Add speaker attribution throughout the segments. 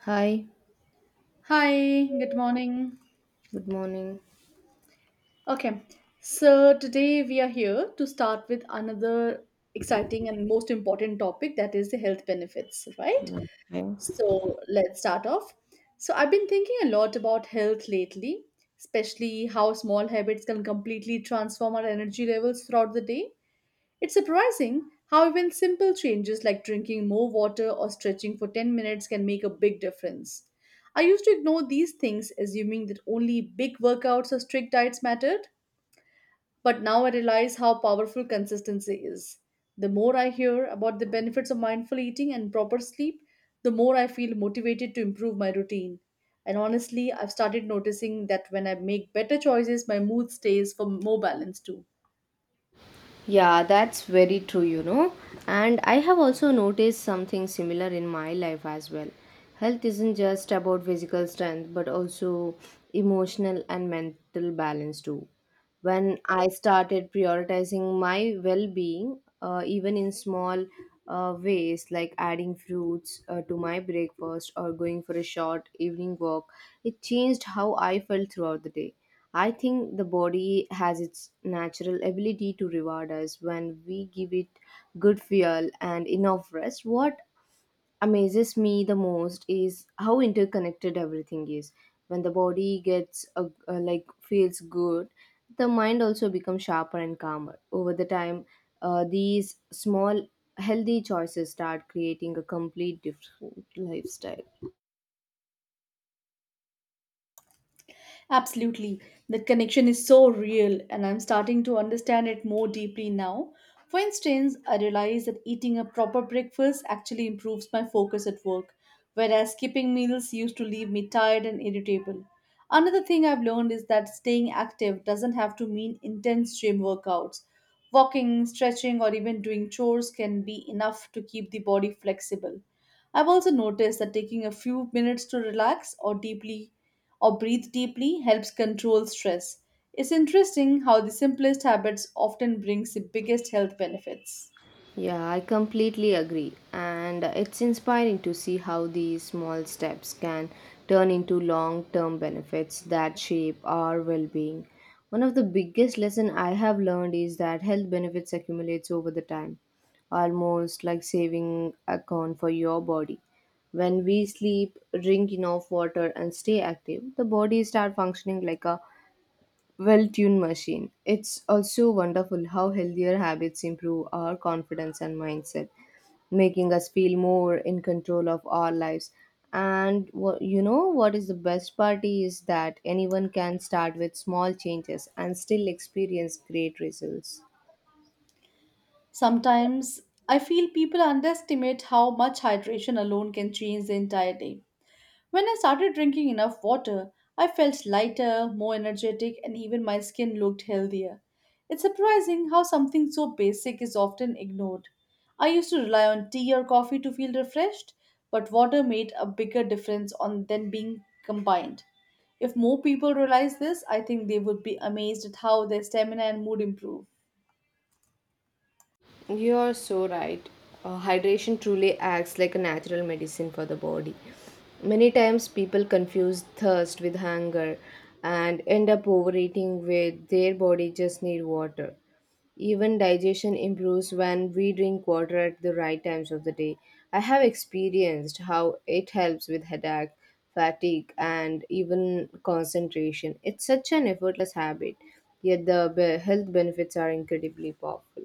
Speaker 1: Hi,
Speaker 2: Hi, good morning.
Speaker 1: good morning.
Speaker 2: Okay, so today we are here to start with another exciting and most important topic that is the health benefits, right?
Speaker 1: Good morning.
Speaker 2: So let's start off. So I've been thinking a lot about health lately, especially how small habits can completely transform our energy levels throughout the day. It's surprising how even simple changes like drinking more water or stretching for 10 minutes can make a big difference. I used to ignore these things, assuming that only big workouts or strict diets mattered, but now I realize how powerful consistency is. The more I hear about the benefits of mindful eating and proper sleep, the more I feel motivated to improve my routine. And honestly, I've started noticing that when I make better choices, my mood stays for more balance too.
Speaker 1: Yeah, that's very true, you know. And I have also noticed something similar in my life as well. Health isn't just about physical strength, but also emotional and mental balance too. When I started prioritizing my well being, even in small ways like adding fruits to my breakfast or going for a short evening walk, it changed how I felt throughout the day. I think the body has its natural ability to reward us when we give it good fuel and enough rest. What amazes me the most is how interconnected everything is. When the body gets a, like feels good, the mind also becomes sharper and calmer over the time. These small healthy choices start creating a complete different lifestyle.
Speaker 2: Absolutely. That connection is so real, and I'm starting to understand it more deeply now. For instance, I realize that eating a proper breakfast actually improves my focus at work, whereas skipping meals used to leave me tired and irritable. Another thing I've learned is that staying active doesn't have to mean intense gym workouts. Walking, stretching, or even doing chores can be enough to keep the body flexible. I've also noticed that taking a few minutes to relax or deeply or breathe deeply helps control stress. It's interesting how the simplest habits often brings the biggest health benefits.
Speaker 1: Yeah, I completely agree. And it's inspiring to see how these small steps can turn into long term benefits that shape our well being. One of the biggest lessons I have learned is that health benefits accumulates over the time, almost like saving account for your body. When we sleep, drink enough water and stay active, the body start functioning like a well tuned machine. It's also wonderful how healthier habits improve our confidence and mindset, making us feel more in control of our lives. And you know what is the best part is that anyone can start with small changes and still experience great results.
Speaker 2: Sometimes I feel people underestimate how much hydration alone can change the entire day. When I started drinking enough water, I felt lighter, more energetic, and even my skin looked healthier. It's surprising how something so basic is often ignored. I used to rely on tea or coffee to feel refreshed, but water made a bigger difference on than being combined. If more people realize this, I think they would be amazed at how their stamina and mood improve.
Speaker 1: You're so right. Hydration truly acts like a natural medicine for the body. Many times people confuse thirst with hunger and end up overeating where their body just need water. Even digestion improves when we drink water at the right times of the day. I have experienced how it helps with headache, fatigue, and even concentration. It's such an effortless habit, yet the health benefits are incredibly powerful.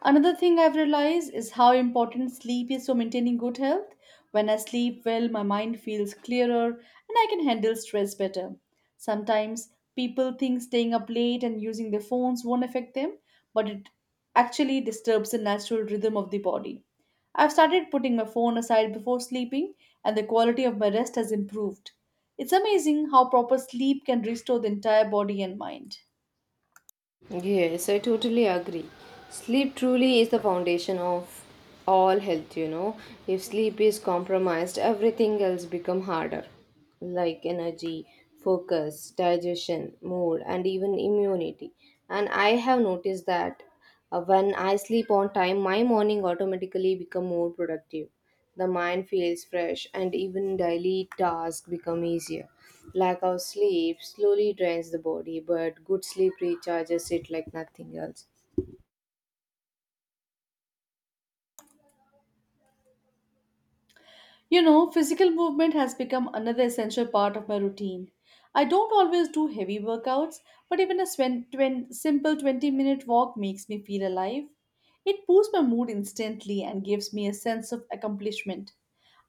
Speaker 2: Another thing I've realized is how important sleep is to maintaining good health. When I sleep well, my mind feels clearer and I can handle stress better. Sometimes people think staying up late and using their phones won't affect them, but it actually disturbs the natural rhythm of the body. I've started putting my phone aside before sleeping, and the quality of my rest has improved. It's amazing how proper sleep can restore the entire body and mind.
Speaker 1: Yes, I totally agree. Sleep truly is the foundation of all health, you know. If sleep is compromised, everything else become harder, like energy, focus, digestion, mood, and even immunity. And I have noticed that when I sleep on time, my morning automatically become more productive. The mind feels fresh and even daily tasks become easier. Lack of sleep slowly drains the body, but good sleep recharges it like nothing else.
Speaker 2: You know, physical movement has become another essential part of my routine. I don't always do heavy workouts, but even a simple 20-minute walk makes me feel alive. It boosts my mood instantly and gives me a sense of accomplishment.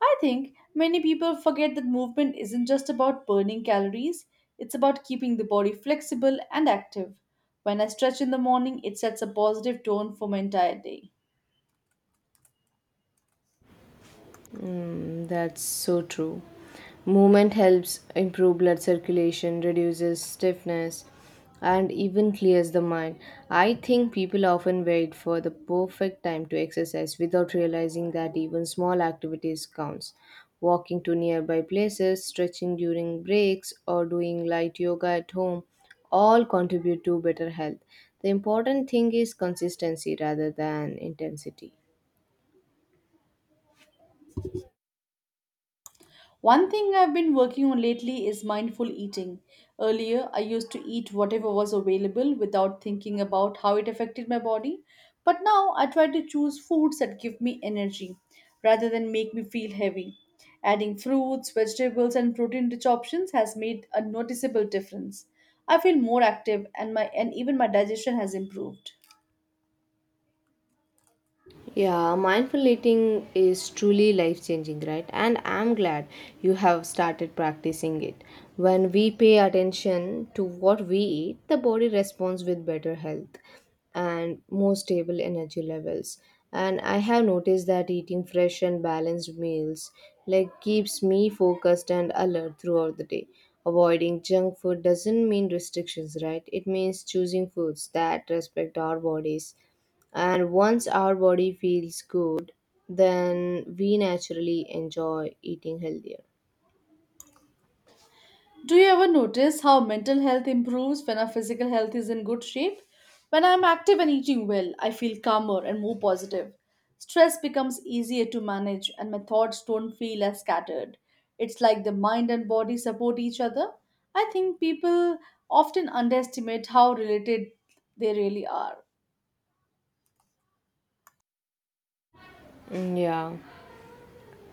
Speaker 2: I think many people forget that movement isn't just about burning calories, it's about keeping the body flexible and active. When I stretch in the morning, it sets a positive tone for my entire day.
Speaker 1: Mm, that's so true. Movement helps improve blood circulation, reduces stiffness, and even clears the mind. I think people often wait for the perfect time to exercise without realizing that even small activities counts. Walking to nearby places, stretching during breaks, or doing light yoga at home all contribute to better health. The important thing is consistency rather than intensity.
Speaker 2: One thing I've been working on lately is mindful eating. Earlier, I used to eat whatever was available without thinking about how it affected my body, but now I try to choose foods that give me energy rather than make me feel heavy. Adding fruits, vegetables, and protein rich options has made a noticeable difference. I feel more active and my and even my digestion has improved.
Speaker 1: Yeah, mindful eating is truly life changing, right? And I'm glad you have started practicing it. When we pay attention to what we eat, the body responds with better health and more stable energy levels. And I have noticed that eating fresh and balanced meals like keeps me focused and alert throughout the day. Avoiding junk food doesn't mean restrictions, right? It means choosing foods that respect our bodies, and once our body feels good, then we naturally enjoy eating healthier.
Speaker 2: Do you ever notice how mental health improves when our physical health is in good shape? When I'm active and eating well, I feel calmer and more positive. Stress becomes easier to manage and my thoughts don't feel as scattered. It's like the mind and body support each other. I think people often underestimate how related they really are.
Speaker 1: Mm, yeah.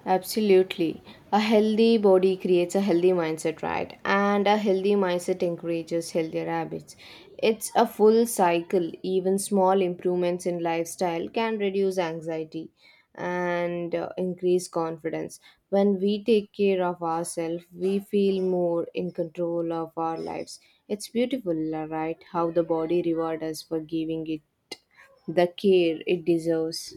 Speaker 1: Absolutely. A healthy body creates a healthy mindset, right? And a healthy mindset encourages healthier habits. It's a full cycle. Even small improvements in lifestyle can reduce anxiety and increase confidence. When we take care of ourselves, we feel more in control of our lives. It's beautiful, right? How the body rewards us for giving it the care it deserves.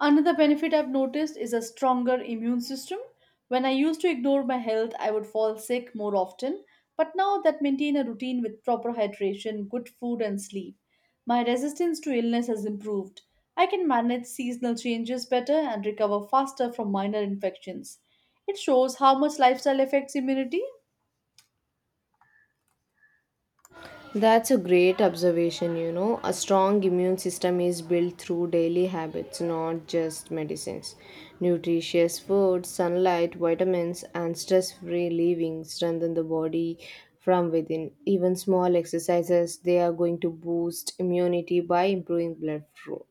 Speaker 2: Another benefit I've noticed is a stronger immune system. When I used to ignore my health, I would fall sick more often, but now that maintain a routine with proper hydration, good food and sleep, my resistance to illness has improved. I can manage seasonal changes better and recover faster from minor infections. It shows how much lifestyle affects immunity.
Speaker 1: That's a great observation, you know. A strong immune system is built through daily habits, not just medicines. Nutritious food, sunlight, vitamins, and stress free living strengthen the body from within. Even small exercises, they are going to boost immunity by improving blood flow.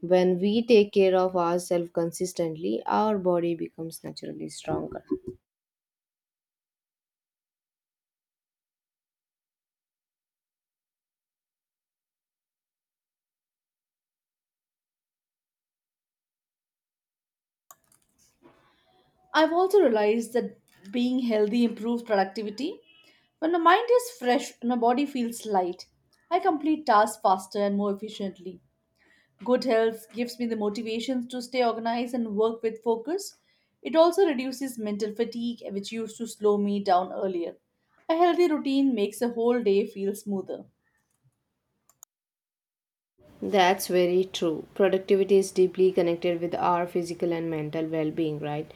Speaker 1: When we take care of ourselves consistently, our body becomes naturally stronger.
Speaker 2: I've also realized that being healthy improves productivity. When the mind is fresh and the body feels light, I complete tasks faster and more efficiently. Good health gives me the motivation to stay organized and work with focus. It also reduces mental fatigue, which used to slow me down earlier. A healthy routine makes the whole day feel smoother.
Speaker 1: That's very true. Productivity is deeply connected with our physical and mental well being, right?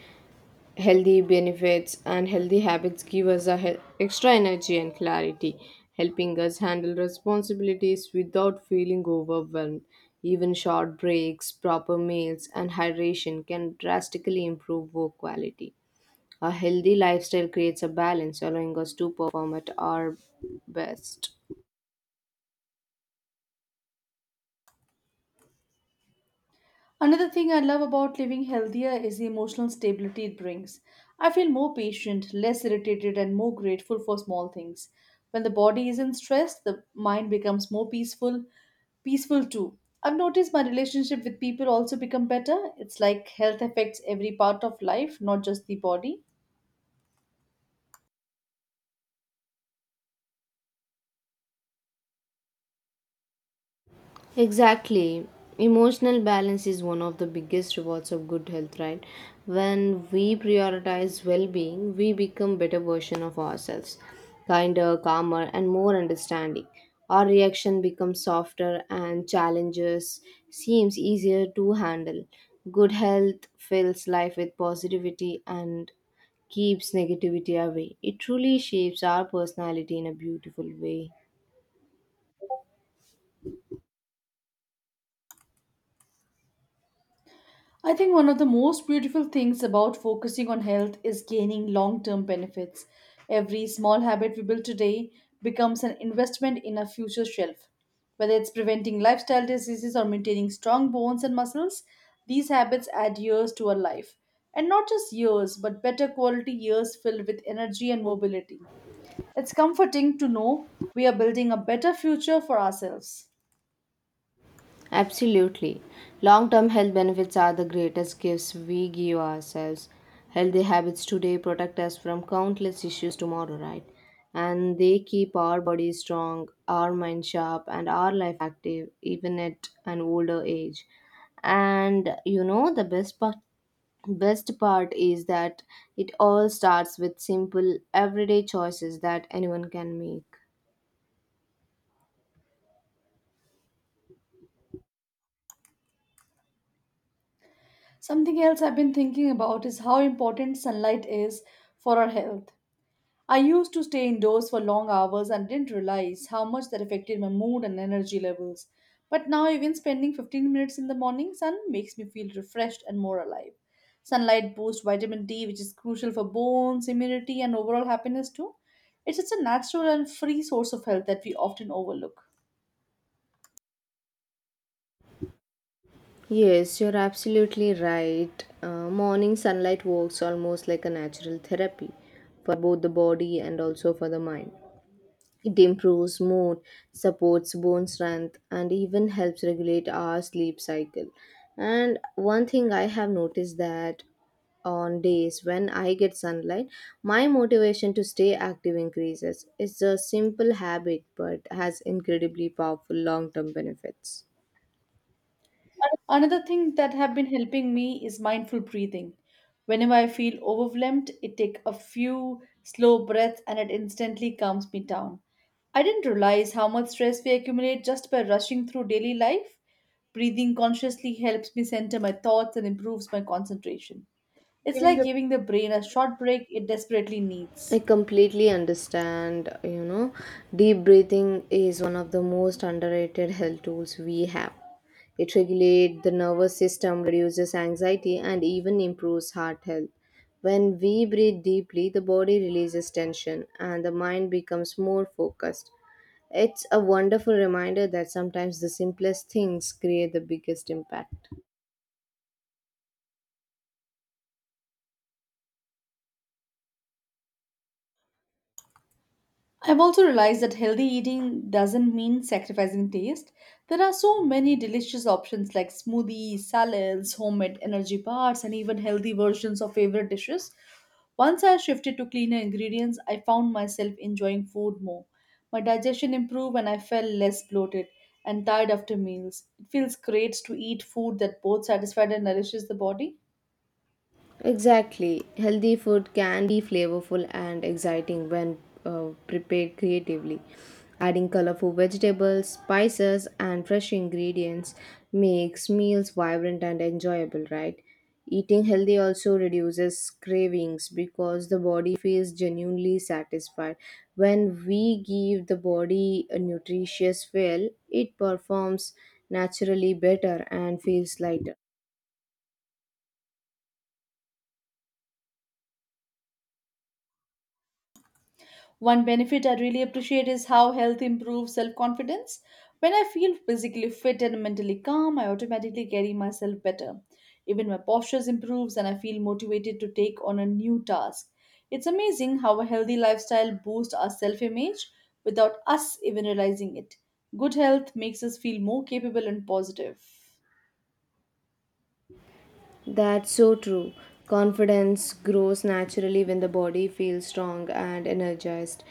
Speaker 1: Healthy benefits and healthy habits give us a extra energy and clarity, helping us handle responsibilities without feeling overwhelmed. Even short breaks, proper meals, and hydration can drastically improve work quality. A healthy lifestyle creates a balance, allowing us to perform at our best.
Speaker 2: Another thing I love about living healthier is the emotional stability it brings. I feel more patient, less irritated, and more grateful for small things. When the body isn't stressed, the mind becomes more peaceful too. I've noticed my relationship with people also become better. It's like health affects every part of life, not just the body.
Speaker 1: Exactly. Emotional balance is one of the biggest rewards of good health, right? When we prioritize well-being, we become better version of ourselves, kinder, calmer, and more understanding. Our reaction becomes softer and challenges seems easier to handle. Good health fills life with positivity and keeps negativity away. It truly shapes our personality in a beautiful way.
Speaker 2: I think one of the most beautiful things about focusing on health is gaining long term benefits. Every small habit we build today becomes an investment in our future shelf. Whether it's preventing lifestyle diseases or maintaining strong bones and muscles, these habits add years to our life. And not just years, but better quality years filled with energy and mobility. It's comforting to know we are building a better future for ourselves.
Speaker 1: Absolutely. Long term health benefits are the greatest gifts we give ourselves. Healthy habits today protect us from countless issues tomorrow, right? And they keep our body strong, our mind sharp, and our life active, even at an older age. And you know, the best part is that it all starts with simple everyday choices that anyone can make.
Speaker 2: Something else I've been thinking about is how important sunlight is for our health. I used to stay indoors for long hours and didn't realize how much that affected my mood and energy levels. But now, even spending 15 minutes in the morning sun makes me feel refreshed and more alive. Sunlight boosts vitamin D, which is crucial for bones, immunity, and overall happiness, too. It's such a natural and free source of health that we often overlook.
Speaker 1: Yes, you're absolutely right. Morning sunlight works almost like a natural therapy for both the body and also for the mind. It improves mood, supports bone strength, and even helps regulate our sleep cycle. And one thing I have noticed that on days when I get sunlight, my motivation to stay active increases. It's a simple habit but has incredibly powerful long term benefits.
Speaker 2: Another thing that have been helping me is mindful breathing. Whenever I feel overwhelmed, it take a few slow breaths and it instantly calms me down. I didn't realize how much stress we accumulate just by rushing through daily life. Breathing consciously helps me center my thoughts and improves my concentration. It's like giving the brain a short break it desperately
Speaker 1: I
Speaker 2: needs.
Speaker 1: completely understand, you know, deep breathing is one of the most underrated health tools we have. It regulates the nervous system, reduces anxiety, and even improves heart health. When we breathe deeply, the body releases tension and the mind becomes more focused. It's a wonderful reminder that sometimes the simplest things create the biggest impact.
Speaker 2: I've also realized that healthy eating doesn't mean sacrificing taste. There are so many delicious options like smoothies, salads, homemade energy bars, and even healthy versions of favorite dishes. Once I shifted to cleaner ingredients, I found myself enjoying food more. My digestion improved and I felt less bloated and tired after meals. It feels great to eat food that both satisfies and nourishes the body.
Speaker 1: Exactly. Healthy food can be flavorful and exciting when prepared creatively. Adding colorful vegetables, spices, and fresh ingredients makes meals vibrant and enjoyable, right? Eating healthy also reduces cravings because the body feels genuinely satisfied. When we give the body a nutritious fuel, it performs naturally better and feels lighter.
Speaker 2: One benefit I really appreciate is how health improves self confidence. When I feel physically fit and mentally calm, I automatically carry myself better. Even my posture improves and I feel motivated to take on a new task. It's amazing how a healthy lifestyle boosts our self image without us even realizing it. Good health makes us feel more capable and positive.
Speaker 1: That's so true. Confidence grows naturally when the body feels strong and energized.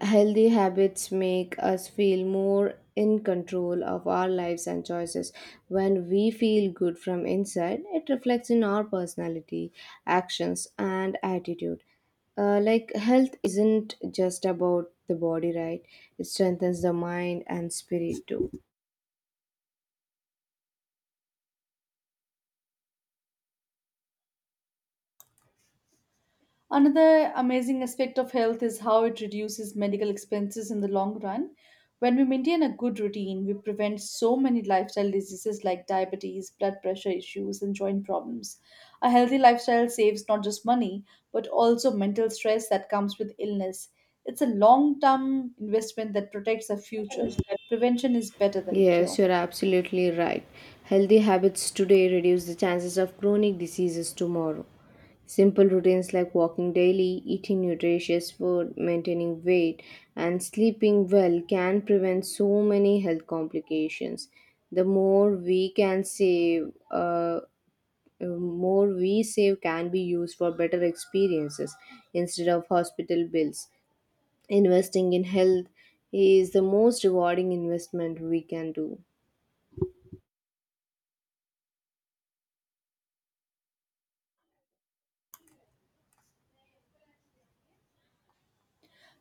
Speaker 1: Healthy habits make us feel more in control of our lives and choices. When we feel good from inside, it reflects in our personality, actions, and attitude. Like health isn't just about the body, right? It strengthens the mind and spirit too.
Speaker 2: Another amazing aspect of health is how it reduces medical expenses in the long run. When we maintain a good routine, we prevent so many lifestyle diseases like diabetes, blood pressure issues, and joint problems. A healthy lifestyle saves not just money, but also mental stress that comes with illness. It's a long term investment that protects our future. Prevention is better than
Speaker 1: Yes,
Speaker 2: cure.
Speaker 1: you're absolutely right. Healthy habits today reduce the chances of chronic diseases tomorrow. Simple routines like walking daily, eating nutritious food, maintaining weight, and sleeping well can prevent so many health complications. The more we can save, more we save can be used for better experiences instead of hospital bills. Investing in health is the most rewarding investment we can do.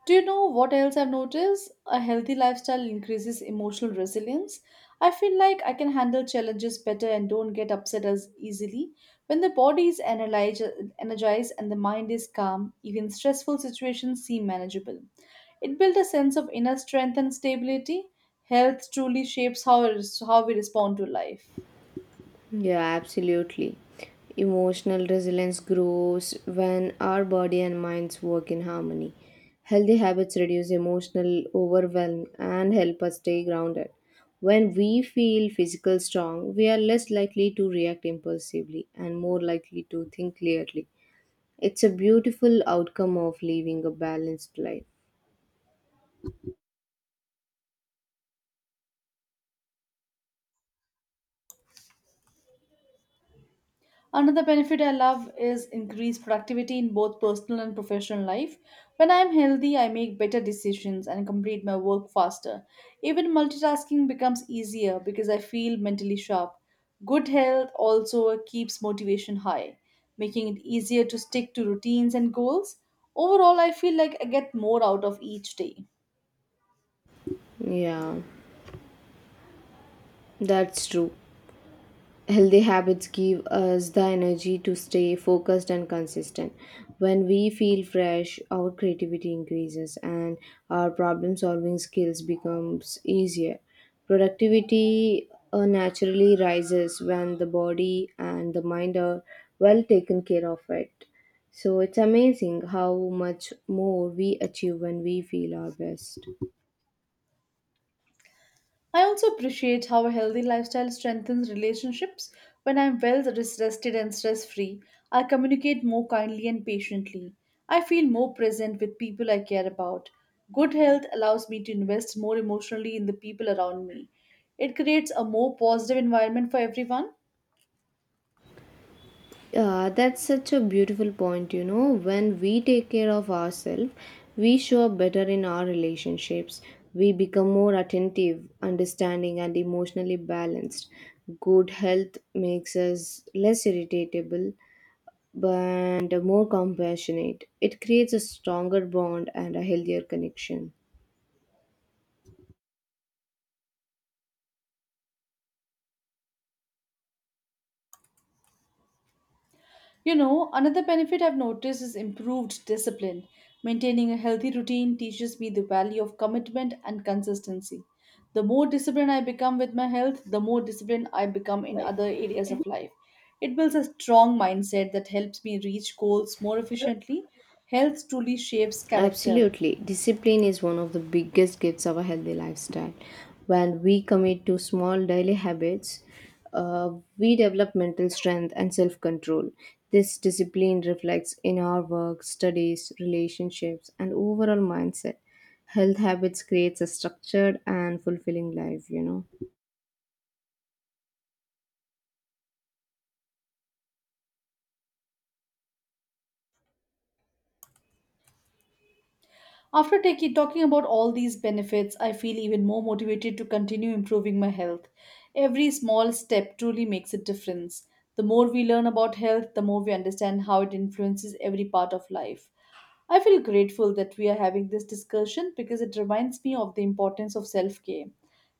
Speaker 2: Do you know what else I've noticed? A healthy lifestyle increases emotional resilience. I feel like I can handle challenges better and don't get upset as easily. When the body is energized and the mind is calm, even stressful situations seem manageable. It builds a sense of inner strength and stability. Health truly shapes how we respond to life.
Speaker 1: Yeah, absolutely. Emotional resilience grows when our body and minds work in harmony. Healthy habits reduce emotional overwhelm and help us stay grounded. When we feel physical strong, we are less likely to react impulsively and more likely to think clearly. It's a beautiful outcome of living a balanced life.
Speaker 2: Another benefit I love is increased productivity in both personal and professional life. When I am healthy, I make better decisions and complete my work faster. Even multitasking becomes easier because I feel mentally sharp. Good health also keeps motivation high, making it easier to stick to routines and goals. Overall, I feel like I get more out of each day.
Speaker 1: Yeah, that's true. Healthy habits give us the energy to stay focused and consistent. When we feel fresh, our creativity increases and our problem solving skills becomes easier. Productivity naturally rises when the body and the mind are well taken care of it. So it's amazing how much more we achieve when we feel our best.
Speaker 2: I also appreciate how a healthy lifestyle strengthens relationships. When I'm well rested and stress free, I communicate more kindly and patiently. I feel more present with people I care about. Good health allows me to invest more emotionally in the people around me. It creates a more positive environment for everyone.
Speaker 1: Yeah, that's such a beautiful point. You know, when we take care of ourselves, we show up better in our relationships. We become more attentive, understanding, and emotionally balanced. Good health makes us less irritable but more compassionate. It creates a stronger bond and a healthier connection.
Speaker 2: You know, another benefit I've noticed is improved discipline. Maintaining a healthy routine teaches me the value of commitment and consistency. The more disciplined I become with my health, the more disciplined I become in other areas of life. It builds a strong mindset that helps me reach goals more efficiently. Health truly shapes character.
Speaker 1: Absolutely. Discipline is one of the biggest gifts of a healthy lifestyle. When we commit to small daily habits, uh, we develop mental strength and self control. This discipline reflects in our work, studies, relationships, and overall mindset. Health habits creates a structured and fulfilling life, you know.
Speaker 2: After talking about all these benefits, I feel even more motivated to continue improving my health. Every small step truly makes a difference. The more we learn about health, the more we understand how it influences every part of life. I feel grateful that we are having this discussion because it reminds me of the importance of self care.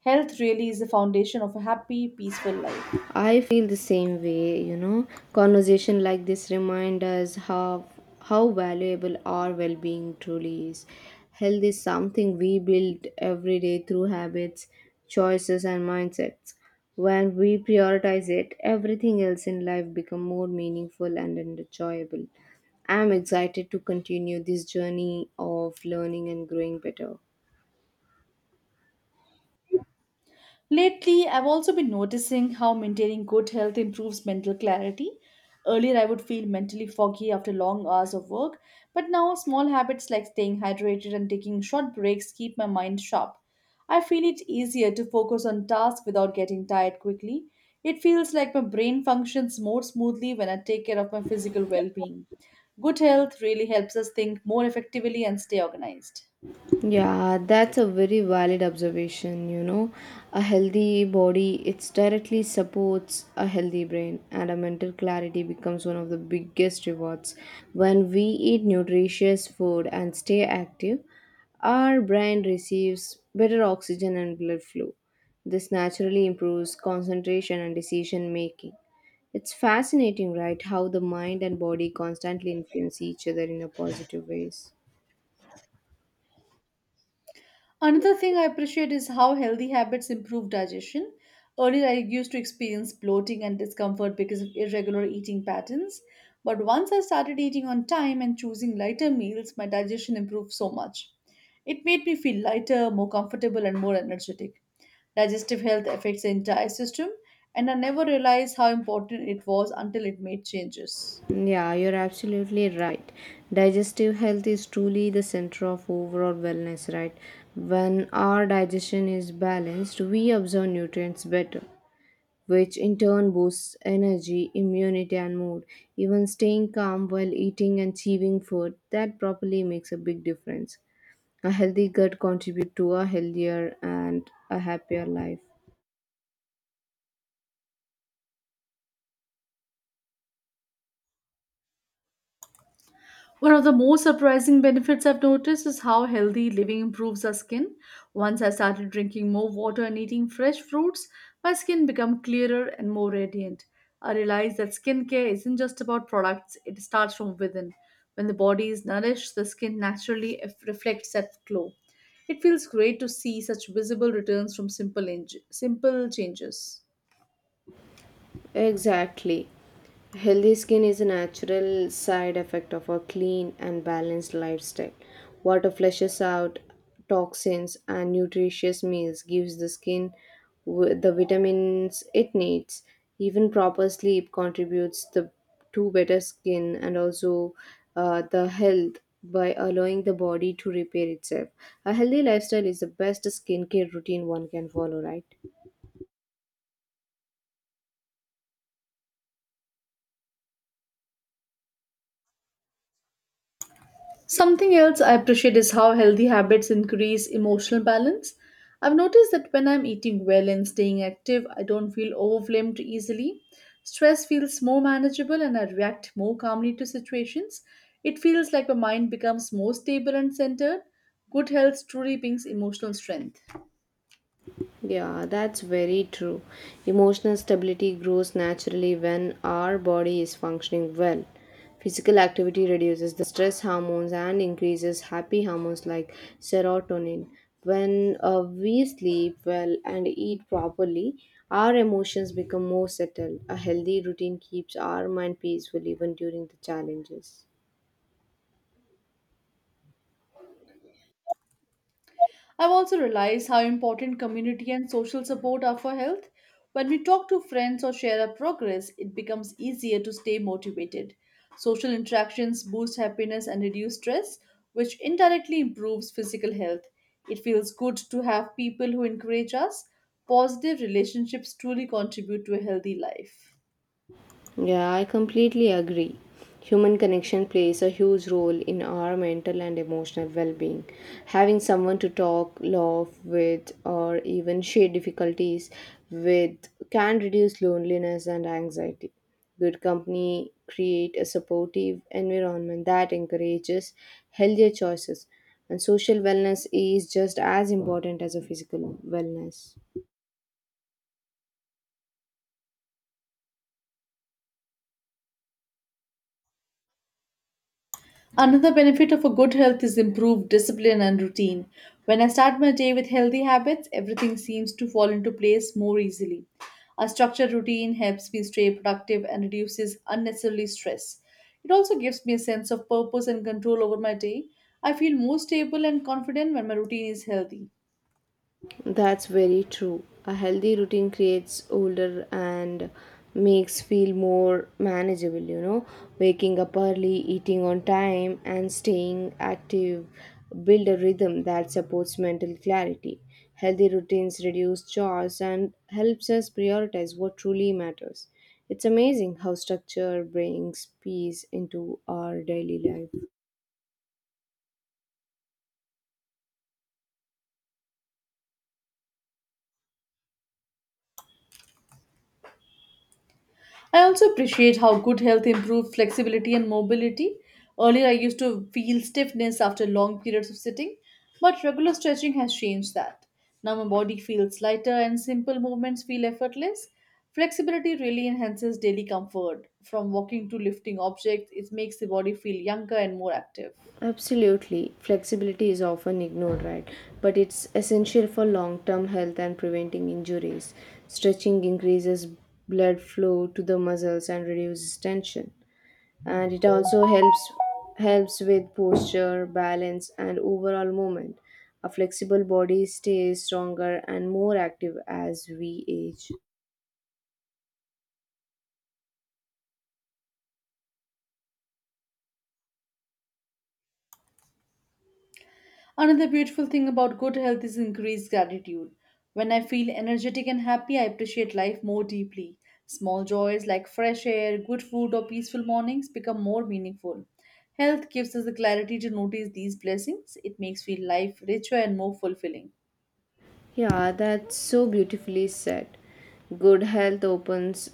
Speaker 2: Health really is the foundation of a happy, peaceful life.
Speaker 1: I feel the same way, you know. Conversation like this remind us how valuable our well-being truly is. Health is something we build every day through habits, choices and mindsets. When we prioritize it, everything else in life become more meaningful and enjoyable. I'm excited to continue this journey of learning and growing better.
Speaker 2: Lately, I've also been noticing how maintaining good health improves mental clarity. Earlier, I would feel mentally foggy after long hours of work, but now small habits like staying hydrated and taking short breaks keep my mind sharp. I feel it easier to focus on tasks without getting tired quickly. It feels like my brain functions more smoothly when I take care of my physical well being. Good health really helps us think more effectively and stay organized.
Speaker 1: Yeah, that's a very valid observation, you know. A healthy body, it's directly supports a healthy brain and a mental clarity becomes one of the biggest rewards. When we eat nutritious food and stay active, our brain receives better oxygen and blood flow. This naturally improves concentration and decision making. It's fascinating, right, how the mind and body constantly influence each other in a positive ways.
Speaker 2: Another thing I appreciate is how healthy habits improve digestion. Earlier, I used to experience bloating and discomfort because of irregular eating patterns. But once I started eating on time and choosing lighter meals, my digestion improved so much. It made me feel lighter, more comfortable, and more energetic. Digestive health affects the entire system, and I never realized how important it was until it made changes.
Speaker 1: Yeah, you're absolutely right. Digestive health is truly the center of overall wellness, right? When our digestion is balanced, we absorb nutrients better, which in turn boosts energy, immunity, and mood. Even staying calm while eating and chewing food, that properly makes a big difference. A healthy gut contributes to a healthier and a happier life.
Speaker 2: One of the most surprising benefits I've noticed is how healthy living improves our skin. Once I started drinking more water and eating fresh fruits, my skin became clearer and more radiant. I realized that skincare isn't just about products, it starts from within. When the body is nourished, the skin naturally reflects that glow. It feels great to see such visible returns from simple, simple changes.
Speaker 1: Exactly. Healthy skin is a natural side effect of a clean and balanced lifestyle. Water flushes out toxins, and nutritious meals gives the skin the vitamins it needs. Even proper sleep contributes to better skin and also the health by allowing the body to repair itself. A healthy lifestyle is the best skincare routine one can follow, right?
Speaker 2: Something else I appreciate is how healthy habits increase emotional balance. I've noticed that when I'm eating well and staying active, I don't feel overwhelmed easily. Stress feels more manageable and I react more calmly to situations. It feels like my mind becomes more stable and centered. Good health truly brings emotional strength.
Speaker 1: Yeah, that's very true. Emotional stability grows naturally when our body is functioning well. Physical activity reduces the stress hormones and increases happy hormones like serotonin. When we sleep well and eat properly, our emotions become more settled. A healthy routine keeps our mind peaceful even during the challenges.
Speaker 2: I've also realized how important community and social support are for health. When we talk to friends or share our progress, it becomes easier to stay motivated. Social interactions boost happiness and reduce stress, which indirectly improves physical health. It feels good to have people who encourage us. Positive relationships truly contribute to a healthy life.
Speaker 1: Yeah, I completely agree. Human connection plays a huge role in our mental and emotional well being. Having someone to talk, laugh with, or even share difficulties with can reduce loneliness and anxiety. Good company create a supportive environment that encourages healthier choices, and social wellness is just as important as a physical wellness.
Speaker 2: Another benefit of a good health is improved discipline and routine. When I start my day with healthy habits, everything seems to fall into place more easily. A structured routine helps me stay productive and reduces unnecessary stress. It also gives me a sense of purpose and control over my day. I feel more stable and confident when my routine is healthy.
Speaker 1: That's very true. A healthy routine creates older and makes feel more manageable, you know. Waking up early, eating on time and staying active build a rhythm that supports mental clarity. Healthy routines reduce chores and helps us prioritize what truly matters. It's amazing how structure brings peace into our daily life.
Speaker 2: I also appreciate how good health improves flexibility and mobility. Earlier, I used to feel stiffness after long periods of sitting, but regular stretching has changed that. Now my body feels lighter and simple movements feel effortless. Flexibility really enhances daily comfort. From walking to lifting objects, it makes the body feel younger and more active.
Speaker 1: Absolutely. Flexibility is often ignored, right? But it's essential for long term health and preventing injuries. Stretching increases blood flow to the muscles and reduces tension. And it also helps with posture, balance and overall movement. A flexible body stays stronger and more active as we age.
Speaker 2: Another beautiful thing about good health is increased gratitude. When I feel energetic and happy, I appreciate life more deeply. Small joys like fresh air, good food, or peaceful mornings become more meaningful. Health gives us the clarity to notice these blessings. It makes feel life richer and more fulfilling.
Speaker 1: Yeah, that's so beautifully said. Good health opens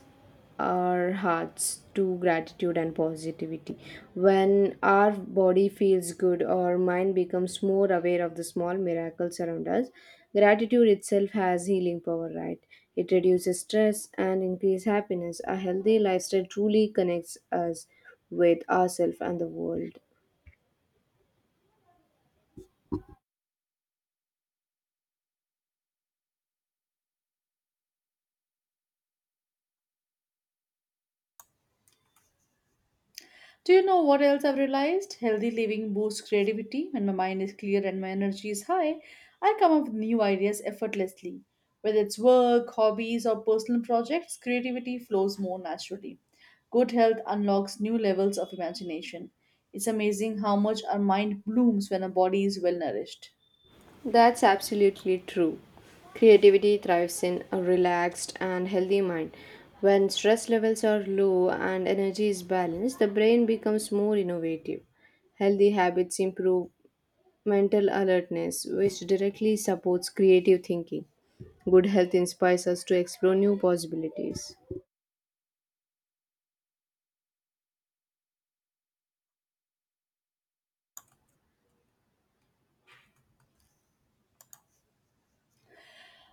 Speaker 1: our hearts to gratitude and positivity. When our body feels good, our mind becomes more aware of the small miracles around us. Gratitude itself has healing power, right? It reduces stress and increases happiness. A healthy lifestyle truly connects us with ourselves and the world.
Speaker 2: Do you know what else I've realized? Healthy living boosts creativity. When my mind is clear and my energy is high, I come up with new ideas effortlessly. Whether it's work, hobbies, or personal projects, creativity flows more naturally. Good health unlocks new levels of imagination. It's amazing how much our mind blooms when our body is well nourished.
Speaker 1: That's absolutely true. Creativity thrives in a relaxed and healthy mind. When stress levels are low and energy is balanced, the brain becomes more innovative. Healthy habits improve mental alertness, which directly supports creative thinking. Good health inspires us to explore new possibilities.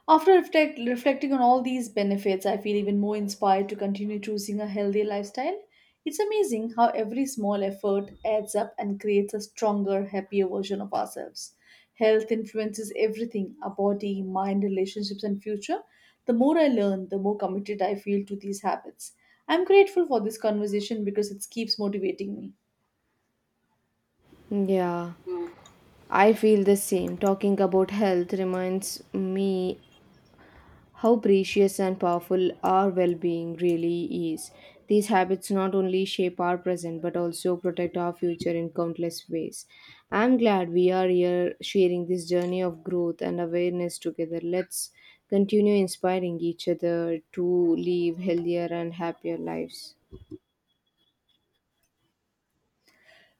Speaker 2: After reflecting on all these benefits, I feel even more inspired to continue choosing a healthy lifestyle. It's amazing how every small effort adds up and creates a stronger, happier version of ourselves. Health influences everything our body, mind, relationships, and future. The more I learn, the more committed I feel to these habits. I'm grateful for this conversation because it keeps motivating me.
Speaker 1: Yeah, I feel the same. Talking about health reminds me how precious and powerful our well-being really is. These habits not only shape our present but also protect our future in countless ways. I'm glad we are here sharing this journey of growth and awareness together. Let's continue inspiring each other to live healthier and happier lives.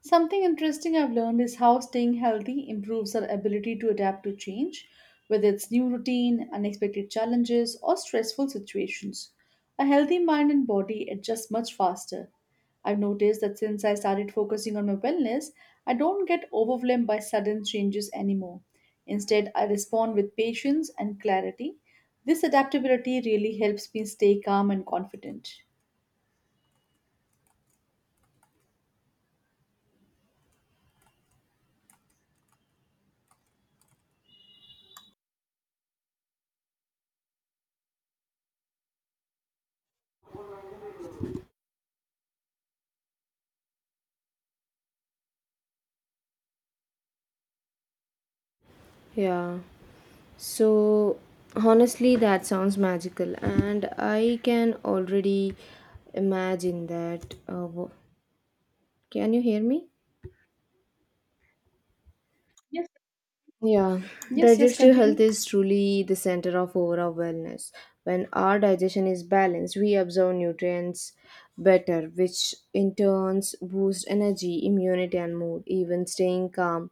Speaker 2: Something interesting I've learned is how staying healthy improves our ability to adapt to change, whether it's new routine, unexpected challenges, or stressful situations. A healthy mind and body adjust much faster. I've noticed that since I started focusing on my wellness, I don't get overwhelmed by sudden changes anymore. Instead, I respond with patience and clarity. This adaptability really helps me stay calm and confident.
Speaker 1: Yeah, so honestly, that sounds magical, and I can already imagine that. Can you hear me? Yeah,
Speaker 2: Yes, yes,
Speaker 1: digestive health
Speaker 2: continue.
Speaker 1: is truly the center of overall wellness. When our digestion is balanced, we absorb nutrients better, which in turns boost energy, immunity, and mood. Even staying calm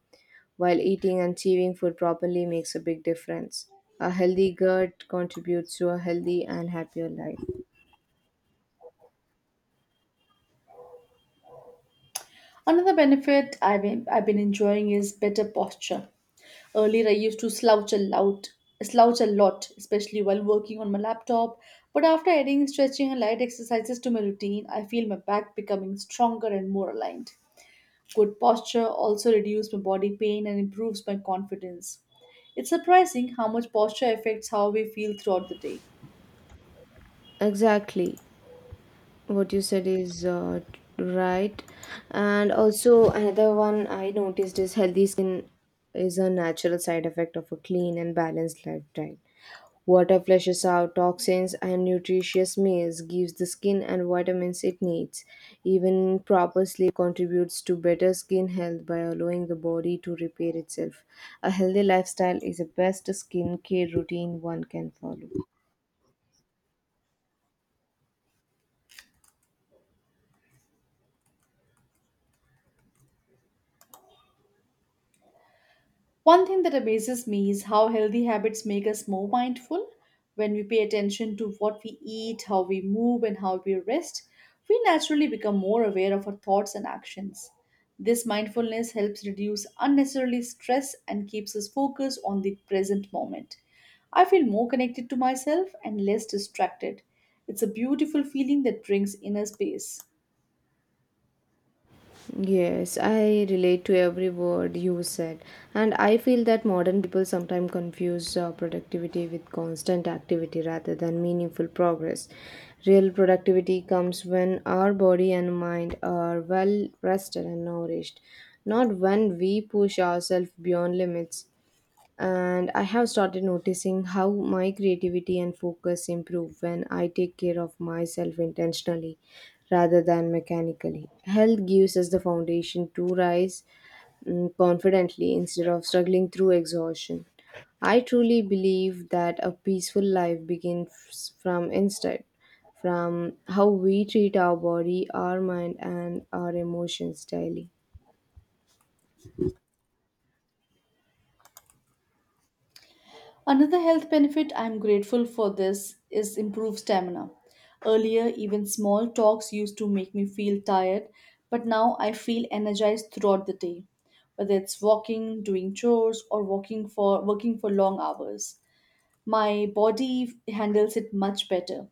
Speaker 1: while eating and chewing food properly makes a big difference. A healthy gut contributes to a healthy and happier life.
Speaker 2: Another benefit I've been enjoying is better posture. Earlier, I used to slouch a lot, especially while working on my laptop. But after adding stretching and light exercises to my routine, I feel my back becoming stronger and more aligned. Good posture also reduces my body pain and improves my confidence. It's surprising how much posture affects how we feel throughout the day.
Speaker 1: Exactly. What you said is right, and also another one I noticed is healthy skin is a natural side effect of a clean and balanced lifestyle. Water flushes out toxins and nutritious meals gives the skin and vitamins it needs. Even proper sleep contributes to better skin health by allowing the body to repair itself. A healthy lifestyle is the best skin care routine one can follow.
Speaker 2: One thing that amazes me is how healthy habits make us more mindful. When we pay attention to what we eat, how we move, and how we rest, we naturally become more aware of our thoughts and actions. This mindfulness helps reduce unnecessarily stress and keeps us focused on the present moment. I feel more connected to myself and less distracted. It's a beautiful feeling that brings inner space.
Speaker 1: Yes, I relate to every word you said, and I feel that modern people sometimes confuse productivity with constant activity rather than meaningful progress. Real productivity comes when our body and mind are well rested and nourished, not when we push ourselves beyond limits, and I have started noticing how my creativity and focus improve when I take care of myself intentionally rather than mechanically. Health gives us the foundation to rise confidently instead of struggling through exhaustion. I truly believe that a peaceful life begins from inside, from how we treat our body, our mind, and our emotions daily.
Speaker 2: Another health benefit I'm grateful for this is improved stamina. Earlier, even small talks used to make me feel tired, but now I feel energized throughout the day, whether it's walking, doing chores, or walking for working for long hours. My body handles it much better.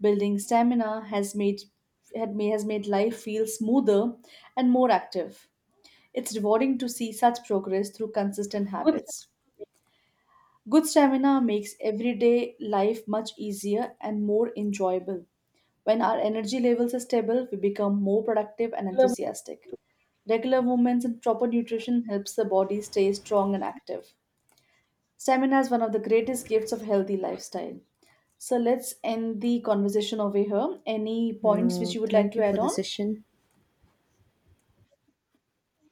Speaker 2: Building stamina has made had ma- has made life feel smoother and more active. It's rewarding to see such progress through consistent habits. Good stamina makes everyday life much easier and more enjoyable. When our energy levels are stable, we become more productive and enthusiastic. Regular movements and proper nutrition helps the body stay strong and active. Stamina is one of the greatest gifts of healthy lifestyle. So let's end the conversation over here. Any points which you
Speaker 1: No,
Speaker 2: would like
Speaker 1: thank you
Speaker 2: to
Speaker 1: for
Speaker 2: add
Speaker 1: the
Speaker 2: on?
Speaker 1: session.